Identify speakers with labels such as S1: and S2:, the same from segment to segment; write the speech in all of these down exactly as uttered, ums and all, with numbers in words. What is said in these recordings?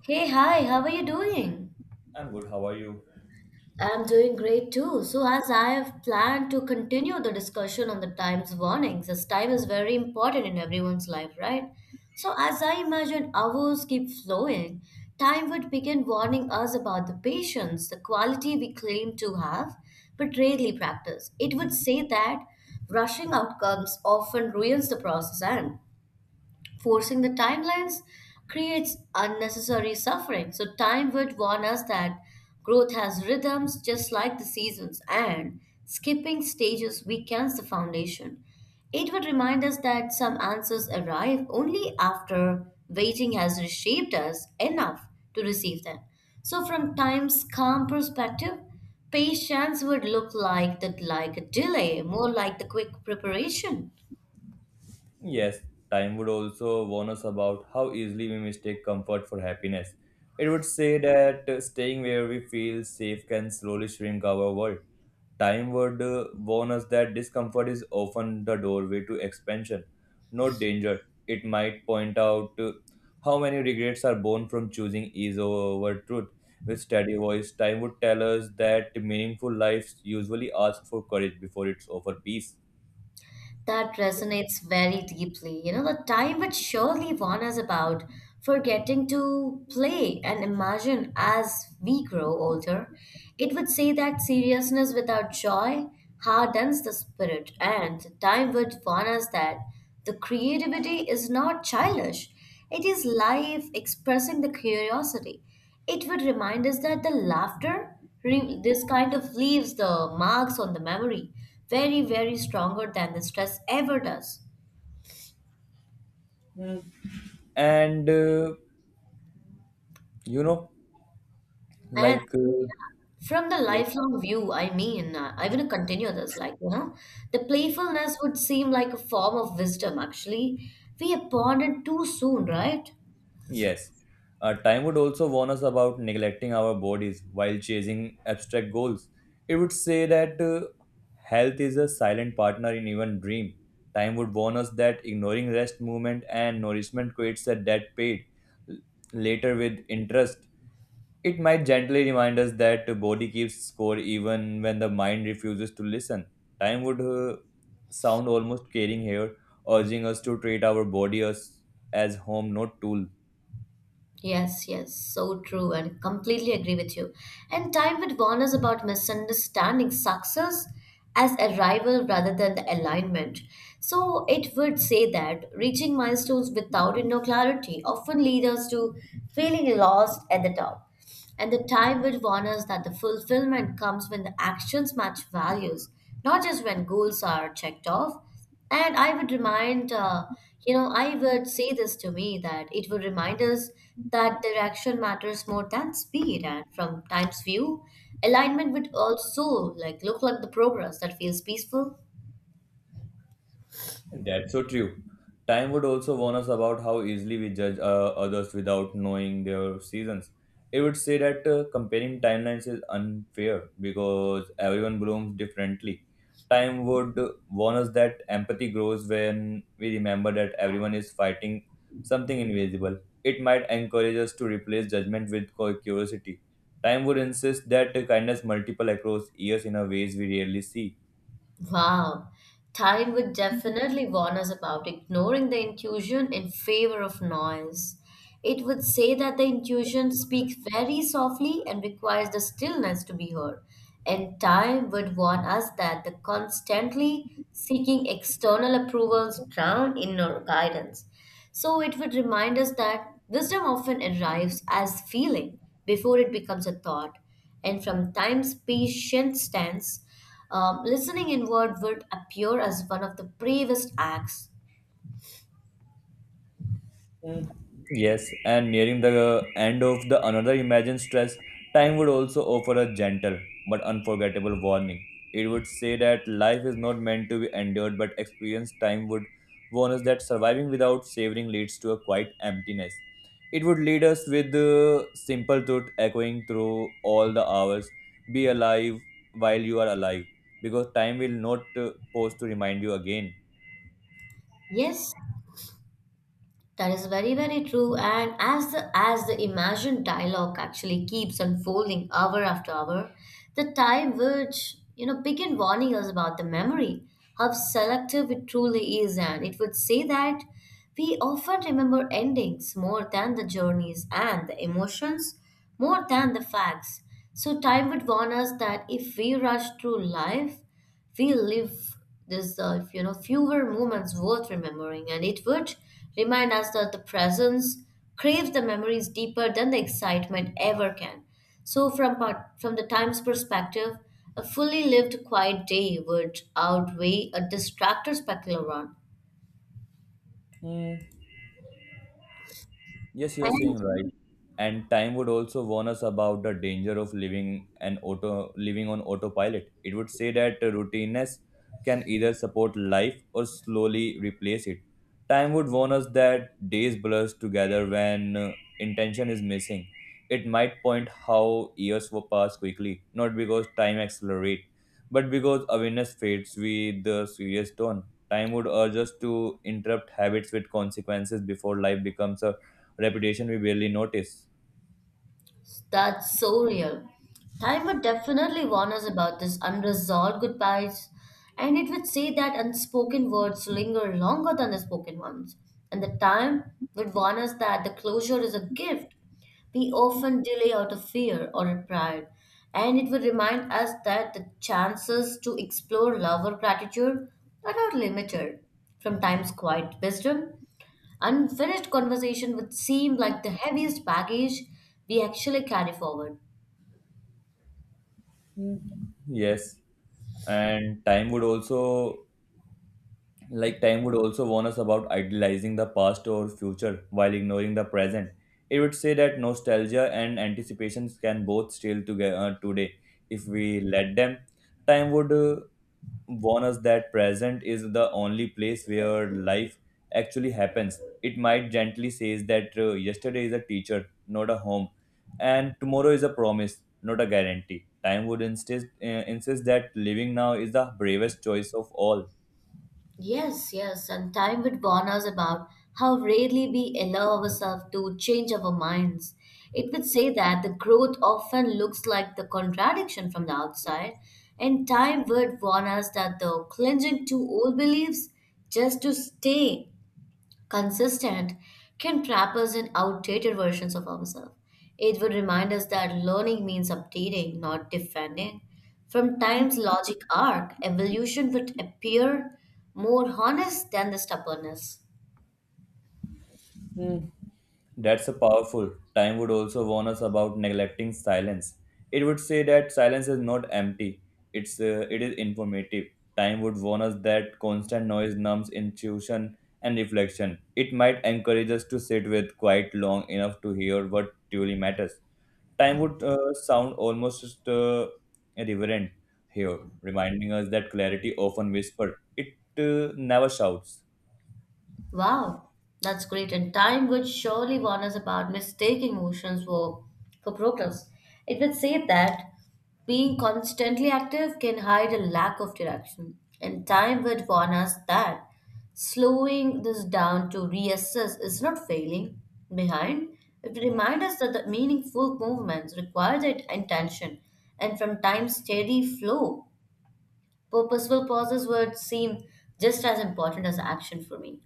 S1: Hey, hi, how are you doing?
S2: I'm good. How are you?
S1: I'm doing great too. So, as I have planned to continue the discussion on the time's warnings, as time is very important in everyone's life, right? So, as I imagine hours keep flowing, time would begin warning us about the patience, the quality we claim to have, but rarely practice. It would say that rushing outcomes often ruins the process, and forcing the timelines creates unnecessary suffering. So, time would warn us that growth has rhythms just like the seasons, and skipping stages weakens the foundation. It would remind us that some answers arrive only after waiting has reshaped us enough to receive them. So, from time's calm perspective, patience would look like the like a delay, more like the quick preparation.
S2: Yes, time would also warn us about how easily we mistake comfort for happiness. It would say that uh, staying where we feel safe can slowly shrink our world. Time would uh, warn us that discomfort is often the doorway to expansion, not danger. It might point out uh, how many regrets are born from choosing ease over truth. With steady voice, time would tell us that meaningful lives usually ask for courage before it's offer peace.
S1: That resonates very deeply. You know, the time which surely warn us about forgetting to play and imagine as we grow older. It would say that seriousness without joy hardens the spirit, and time would warn us that the creativity is not childish, it is life expressing the curiosity. It would remind us that the laughter, re- this kind of leaves the marks on the memory very, very stronger than the stress ever does.
S2: And uh, you know
S1: And
S2: like uh,
S1: from the
S2: Yes,
S1: lifelong view, I mean, uh, I'm going to continue this, like, you know, the playfulness would seem like a form of wisdom, actually. We abandoned too soon, right?
S2: yes. Uh, time would also warn us about neglecting our bodies while chasing abstract goals. It would say that uh, health is a silent partner in even dream. Time would warn us that ignoring rest movement and nourishment creates a dead paid l- later with interest. It might gently remind us that the body keeps score even when the mind refuses to listen. Time would uh, sound almost caring here, urging us to treat our body as, as home, not tool.
S1: Yes, yes, so true, and completely agree with you. And time would warn us about misunderstanding success as arrival rather than the alignment. So it would say that reaching milestones without inner clarity often lead us to feeling lost at the top. And the time will warn us that the fulfillment comes when the actions match values, not just when goals are checked off. And I would remind, uh, you know, I would say this to me that it would remind us that direction matters more than speed. And from time's view, alignment would also like look like the progress that feels peaceful.
S2: That's so true. Time would also warn us about how easily we judge uh, others without knowing their seasons. It would say that uh, comparing timelines is unfair because everyone blooms differently. Time would warn us that empathy grows when we remember that everyone is fighting something invisible. It might encourage us to replace judgment with cu- curiosity. Time would insist that kindness multiple across years in a ways we rarely see.
S1: Wow, time would definitely warn us about ignoring the intuition in favor of noise. It would say that the intuition speaks very softly and requires the stillness to be heard. And time would warn us that the constantly seeking external approvals drown inner guidance. So it would remind us that wisdom often arrives as feeling before it becomes a thought. And from time's patient stance, um, listening inward would appear as one of the bravest acts.
S2: Yes, and nearing the end of the another imagined stress, time would also offer a gentle but unforgettable warning. It would say that life is not meant to be endured, but experienced. Time would warn us that surviving without savoring leads to a quiet emptiness. It would lead us with the simple truth echoing through all the hours: be alive while you are alive, because time will not uh, pause to remind you again.
S1: Yes, that is very, very true. And as the as the imagined dialogue actually keeps unfolding hour after hour, the time which you know begin warning us about the memory, how selective it truly is, and it would say that we often remember endings more than the journeys and the emotions more than the facts. So time would warn us that if we rush through life we live this, uh, you know, fewer moments worth remembering, and it would remind us that the presence craves the memories deeper than the excitement ever can. So, from part, from the time's perspective, a fully lived quiet day would outweigh a distracted spectacular one.
S2: Hmm. Yes, you're saying
S1: And
S2: right. And time would also warn us about the danger of living an auto living on autopilot. It would say that routineness can either support life or slowly replace it. Time would warn us that days blur together when uh, intention is missing. It might point how years will pass quickly, not because time accelerates, but because awareness fades with the serious tone. Time would urge us to interrupt habits with consequences before life becomes a reputation we barely notice.
S1: That's so real. Time would definitely warn us about this unresolved goodbyes, and it would say that unspoken words linger longer than the spoken ones. And the time would warn us that the closure is a gift we often delay out of fear or pride. And it would remind us that the chances to explore love or gratitude are not limited. From time's quiet wisdom, unfinished conversation would seem like the heaviest baggage we actually carry forward.
S2: Yes, and time would also Like time would also warn us about idealizing the past or future while ignoring the present. It would say that nostalgia and anticipations can both steal together today if we let them. Time would uh, warn us that present is the only place where life actually happens. It might gently says that uh, yesterday is a teacher, not a home, and tomorrow is a promise, not a guarantee. Time would insist uh, insist that living now is the bravest choice of all.
S1: Yes, yes, and time would warn us about how rarely we allow ourselves to change our minds. It would say that the growth often looks like the contradiction from the outside, and time would warn us that the clinging to old beliefs just to stay consistent can trap us in outdated versions of ourselves. It would remind us that learning means updating, not defending. From time's logic arc, evolution would appear more honest than the stubbornness.
S2: That's a powerful. Time would also warn us about neglecting silence. It would say that silence is not empty. It's uh, it is informative. Time would warn us that constant noise numbs intuition and reflection. It might encourage us to sit with quite long enough to hear what truly matters. Time would uh, sound almost uh, reverent here, reminding us that clarity often whispers. It uh, never shouts.
S1: Wow, that's great. And time would surely warn us about mistaking motions for, for progress. It would say that being constantly active can hide a lack of direction. And time would warn us that slowing this down to reassess is not failing behind. It would remind us that the meaningful movements require that intention. And from time's steady flow, purposeful pauses would seem just as important as action for me.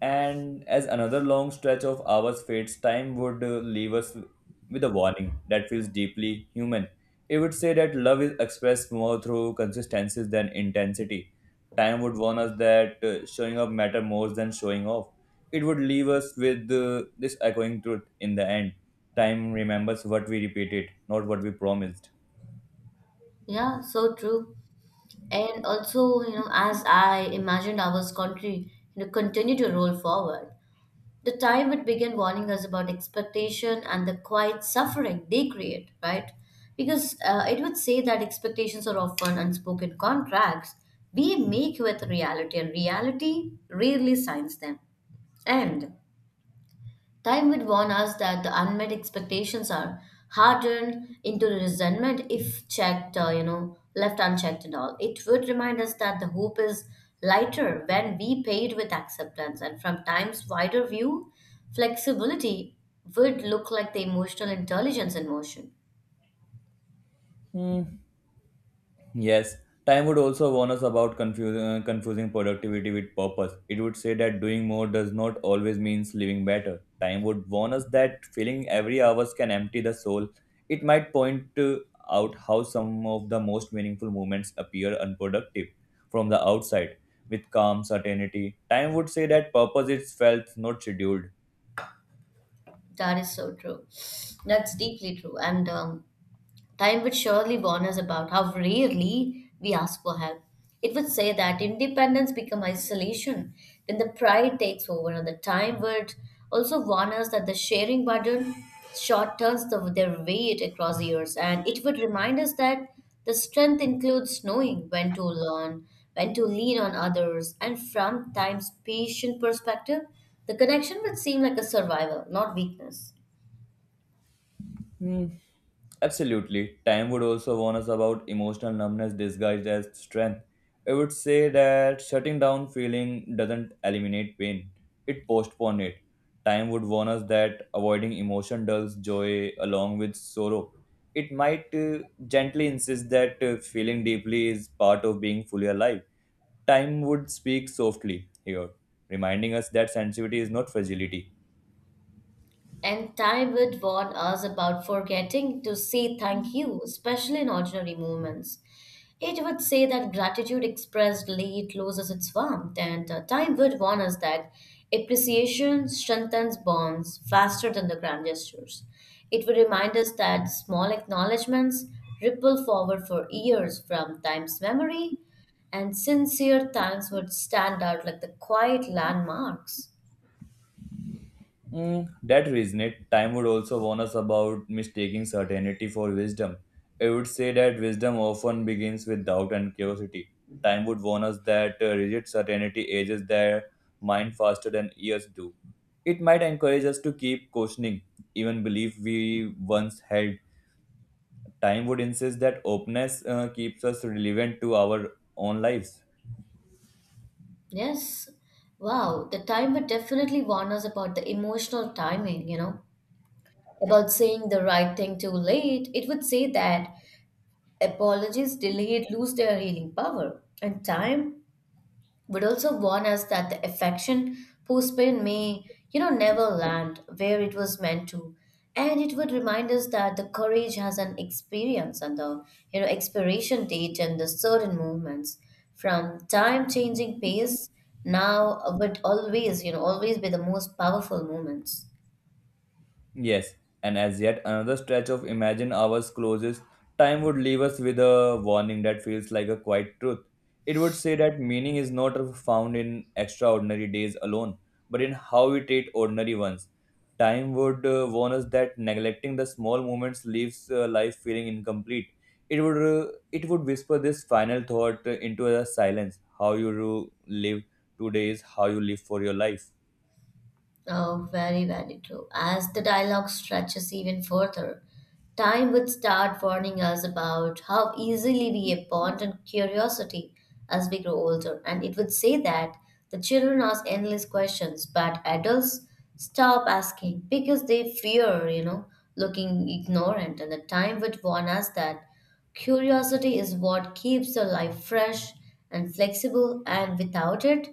S2: And as another long stretch of hours fades, time would uh, leave us with a warning that feels deeply human. It would say that love is expressed more through consistencies than intensity. Time would warn us that uh, showing up matter more than showing off. It would leave us with uh, this echoing truth in the end. Time remembers what we repeated, not what we promised.
S1: Yeah, so true. And also, you know, as I imagined our country, you know, continue to roll forward, the time it began warning us about expectation and the quiet suffering they create, right? Because uh, it would say that expectations are often unspoken contracts we make with reality, and reality rarely signs them. And time would warn us that the unmet expectations are hardened into resentment if checked, uh, you know, left unchecked and all. It would remind us that the hope is lighter when we paid with acceptance, and from time's wider view, flexibility would look like the emotional intelligence in motion.
S2: Hmm. Yes, time would also warn us about confuse, uh, confusing productivity with purpose. It would say that doing more does not always means living better. Time would warn us that filling every hours can empty the soul. It might point to- out how some of the most meaningful moments appear unproductive from the outside with calm certainty. Time would say that purpose is felt, not scheduled.
S1: That is so true. That's deeply true. And um, time would surely warn us about how rarely we ask for help. It would say that independence become isolation when the pride takes over, and the time would also warn us that the sharing burden short turns the, their weight across years, and it would remind us that the strength includes knowing when to learn, when to lean on others, and from time's patient perspective, the connection would seem like a survival, not weakness.
S2: Absolutely. Time would also warn us about emotional numbness disguised as strength. It would say that shutting down feeling doesn't eliminate pain, it postpones it. Time would warn us that avoiding emotion dulls joy along with sorrow. It might uh, gently insist that uh, feeling deeply is part of being fully alive. Time would speak softly here, reminding us that sensitivity is not fragility.
S1: And time would warn us about forgetting to say thank you, especially in ordinary moments. It would say that gratitude expressed late loses its warmth, and uh, time would warn us that appreciation strengthens bonds faster than the grand gestures. It would remind us that small acknowledgements ripple forward for years from time's memory, and sincere thanks would stand out like the quiet landmarks.
S2: Mm, that resonate, time would also warn us about mistaking certainty for wisdom. It would say that wisdom often begins with doubt and curiosity. Time would warn us that uh, rigid certainty ages their mind faster than years do. It might encourage us to keep questioning, even belief we once held. Time would insist that openness uh, keeps us relevant to our own lives.
S1: Yes. Wow. The timer definitely warned us about the emotional timing, you know, about saying the right thing too late. It would say that apologies delayed lose their healing power, and time would also warn us that the affection postponed may, you know, never land where it was meant to. And it would remind us that the courage has an experience and the, you know, expiration date and the certain movements from time changing pace now would always, you know, always be the most powerful moments.
S2: Yes, and as yet another stretch of imagined hours closes, time would leave us with a warning that feels like a quiet truth. It would say that meaning is not found in extraordinary days alone, but in how we treat ordinary ones. Time would uh, warn us that neglecting the small moments leaves uh, life feeling incomplete. It would uh, it would whisper this final thought uh, into the silence. How you uh, live today is how you live for your life.
S1: Oh, very, very true. As the dialogue stretches even further, time would start warning us about how easily we abandon curiosity as we grow older, and it would say that the children ask endless questions, but adults stop asking because they fear, you know, looking ignorant, and the time would warn us that curiosity is what keeps the life fresh and flexible, and without it,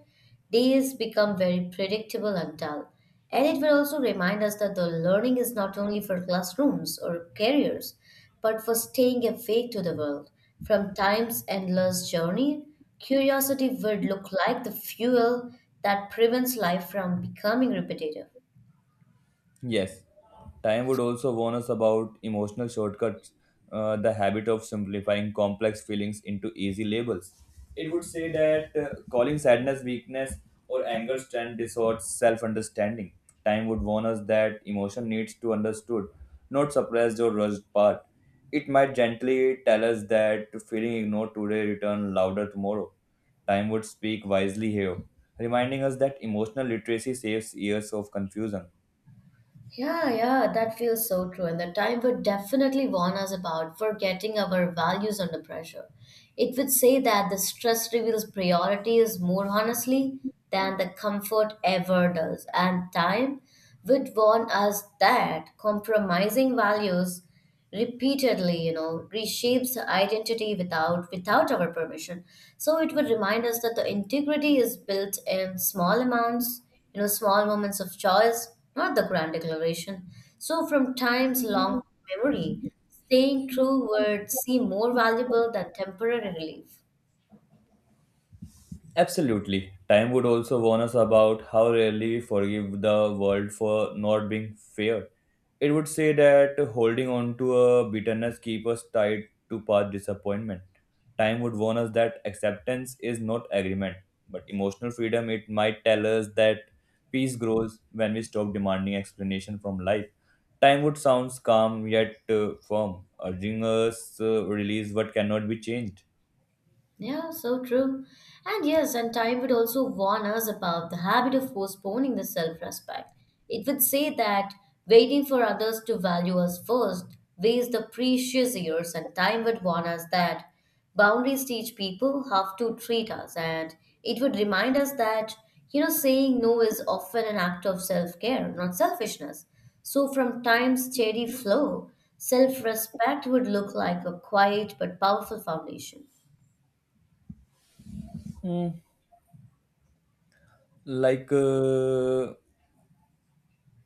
S1: days become very predictable and dull. And it will also remind us that the learning is not only for classrooms or careers, but for staying awake to the world. From time's endless journey, curiosity would look like the fuel that prevents life from becoming repetitive.
S2: Yes, time would also warn us about emotional shortcuts, uh, the habit of simplifying complex feelings into easy labels. It would say that uh, calling sadness weakness or anger strength distorts self understanding. Time would warn us that emotion needs to understood, not suppressed or rushed part. It might gently tell us that feeling ignored today return louder tomorrow. Time would speak wisely here, reminding us that emotional literacy saves years of confusion.
S1: Yeah, yeah, that feels so true. And the time would definitely warn us about forgetting our values under pressure. It would say that the stress reveals priorities more honestly than the comfort ever does. And time would warn us that compromising values repeatedly, you know, reshapes identity without without our permission, so it would remind us that the integrity is built in small amounts, you know, small moments of choice, not the grand declaration. So from times long memory, staying true would seem more valuable than temporary relief.
S2: Absolutely. Time would also warn us about how rarely we forgive the world for not being fair. It would say that holding on to a bitterness keeps us tied to past disappointment. Time would warn us that acceptance is not agreement, but emotional freedom. It might tell us that peace grows when we stop demanding explanation from life. Time would sounds calm yet uh, firm, urging us uh, release what cannot be changed.
S1: Yeah, so true. And yes, and time would also warn us about the habit of postponing the self respect. It would say that waiting for others to value us first wastes the precious years, and time would warn us that boundaries teach people how to treat us, and it would remind us that, you know, saying no is often an act of self care, not selfishness. So, from time's steady flow, self respect would look like a quiet but powerful foundation.
S2: like uh,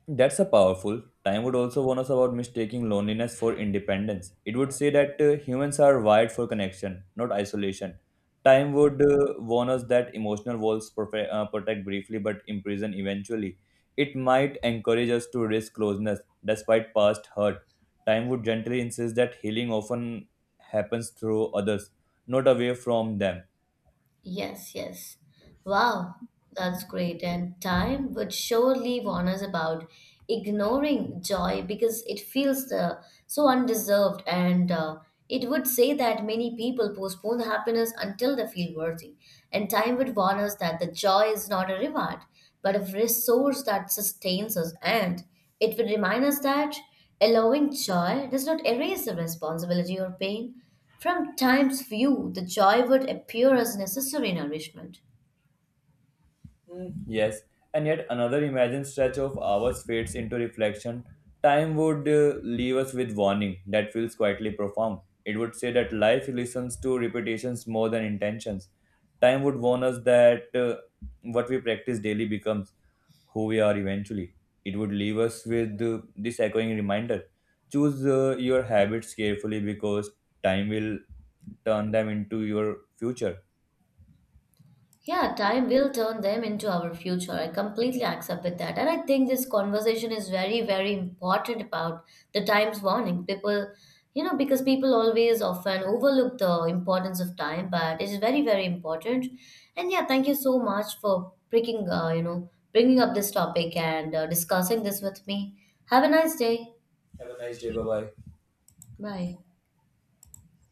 S2: That's a powerful. Time would also warn us about mistaking loneliness for independence. It would say that uh, humans are wired for connection, not isolation. Time would uh, warn us that emotional walls profe- uh, protect briefly but imprison eventually. It might encourage us to risk closeness despite past hurt. Time would gently insist that healing often happens through others, not away from them.
S1: Yes, yes. Wow, that's great. And time would surely warn us about ignoring joy because it feels uh, so undeserved, and uh, it would say that many people postpone happiness until they feel worthy. And time would warn us that the joy is not a reward, but a resource that sustains us. And it would remind us that allowing joy does not erase the responsibility or pain. From time's view, the joy would appear as necessary nourishment.
S2: Mm, yes, and yet another imagined stretch of hours fades into reflection. Time would uh, leave us with warning that feels quietly profound. It would say that life listens to repetitions more than intentions. Time would warn us that uh, what we practice daily becomes who we are eventually. It would leave us with uh, this echoing reminder: choose uh, your habits carefully because time will turn them into your future.
S1: Yeah, time will turn them into our future. I completely accept with that. And I think this conversation is very, very important about the time's warning. People, you know, because people always often overlook the importance of time, but it is very, very important. And yeah, thank you so much for breaking, uh, you know, bringing up this topic and uh, discussing this with me. Have a nice day.
S2: Have a nice day. Bye bye.
S1: Bye.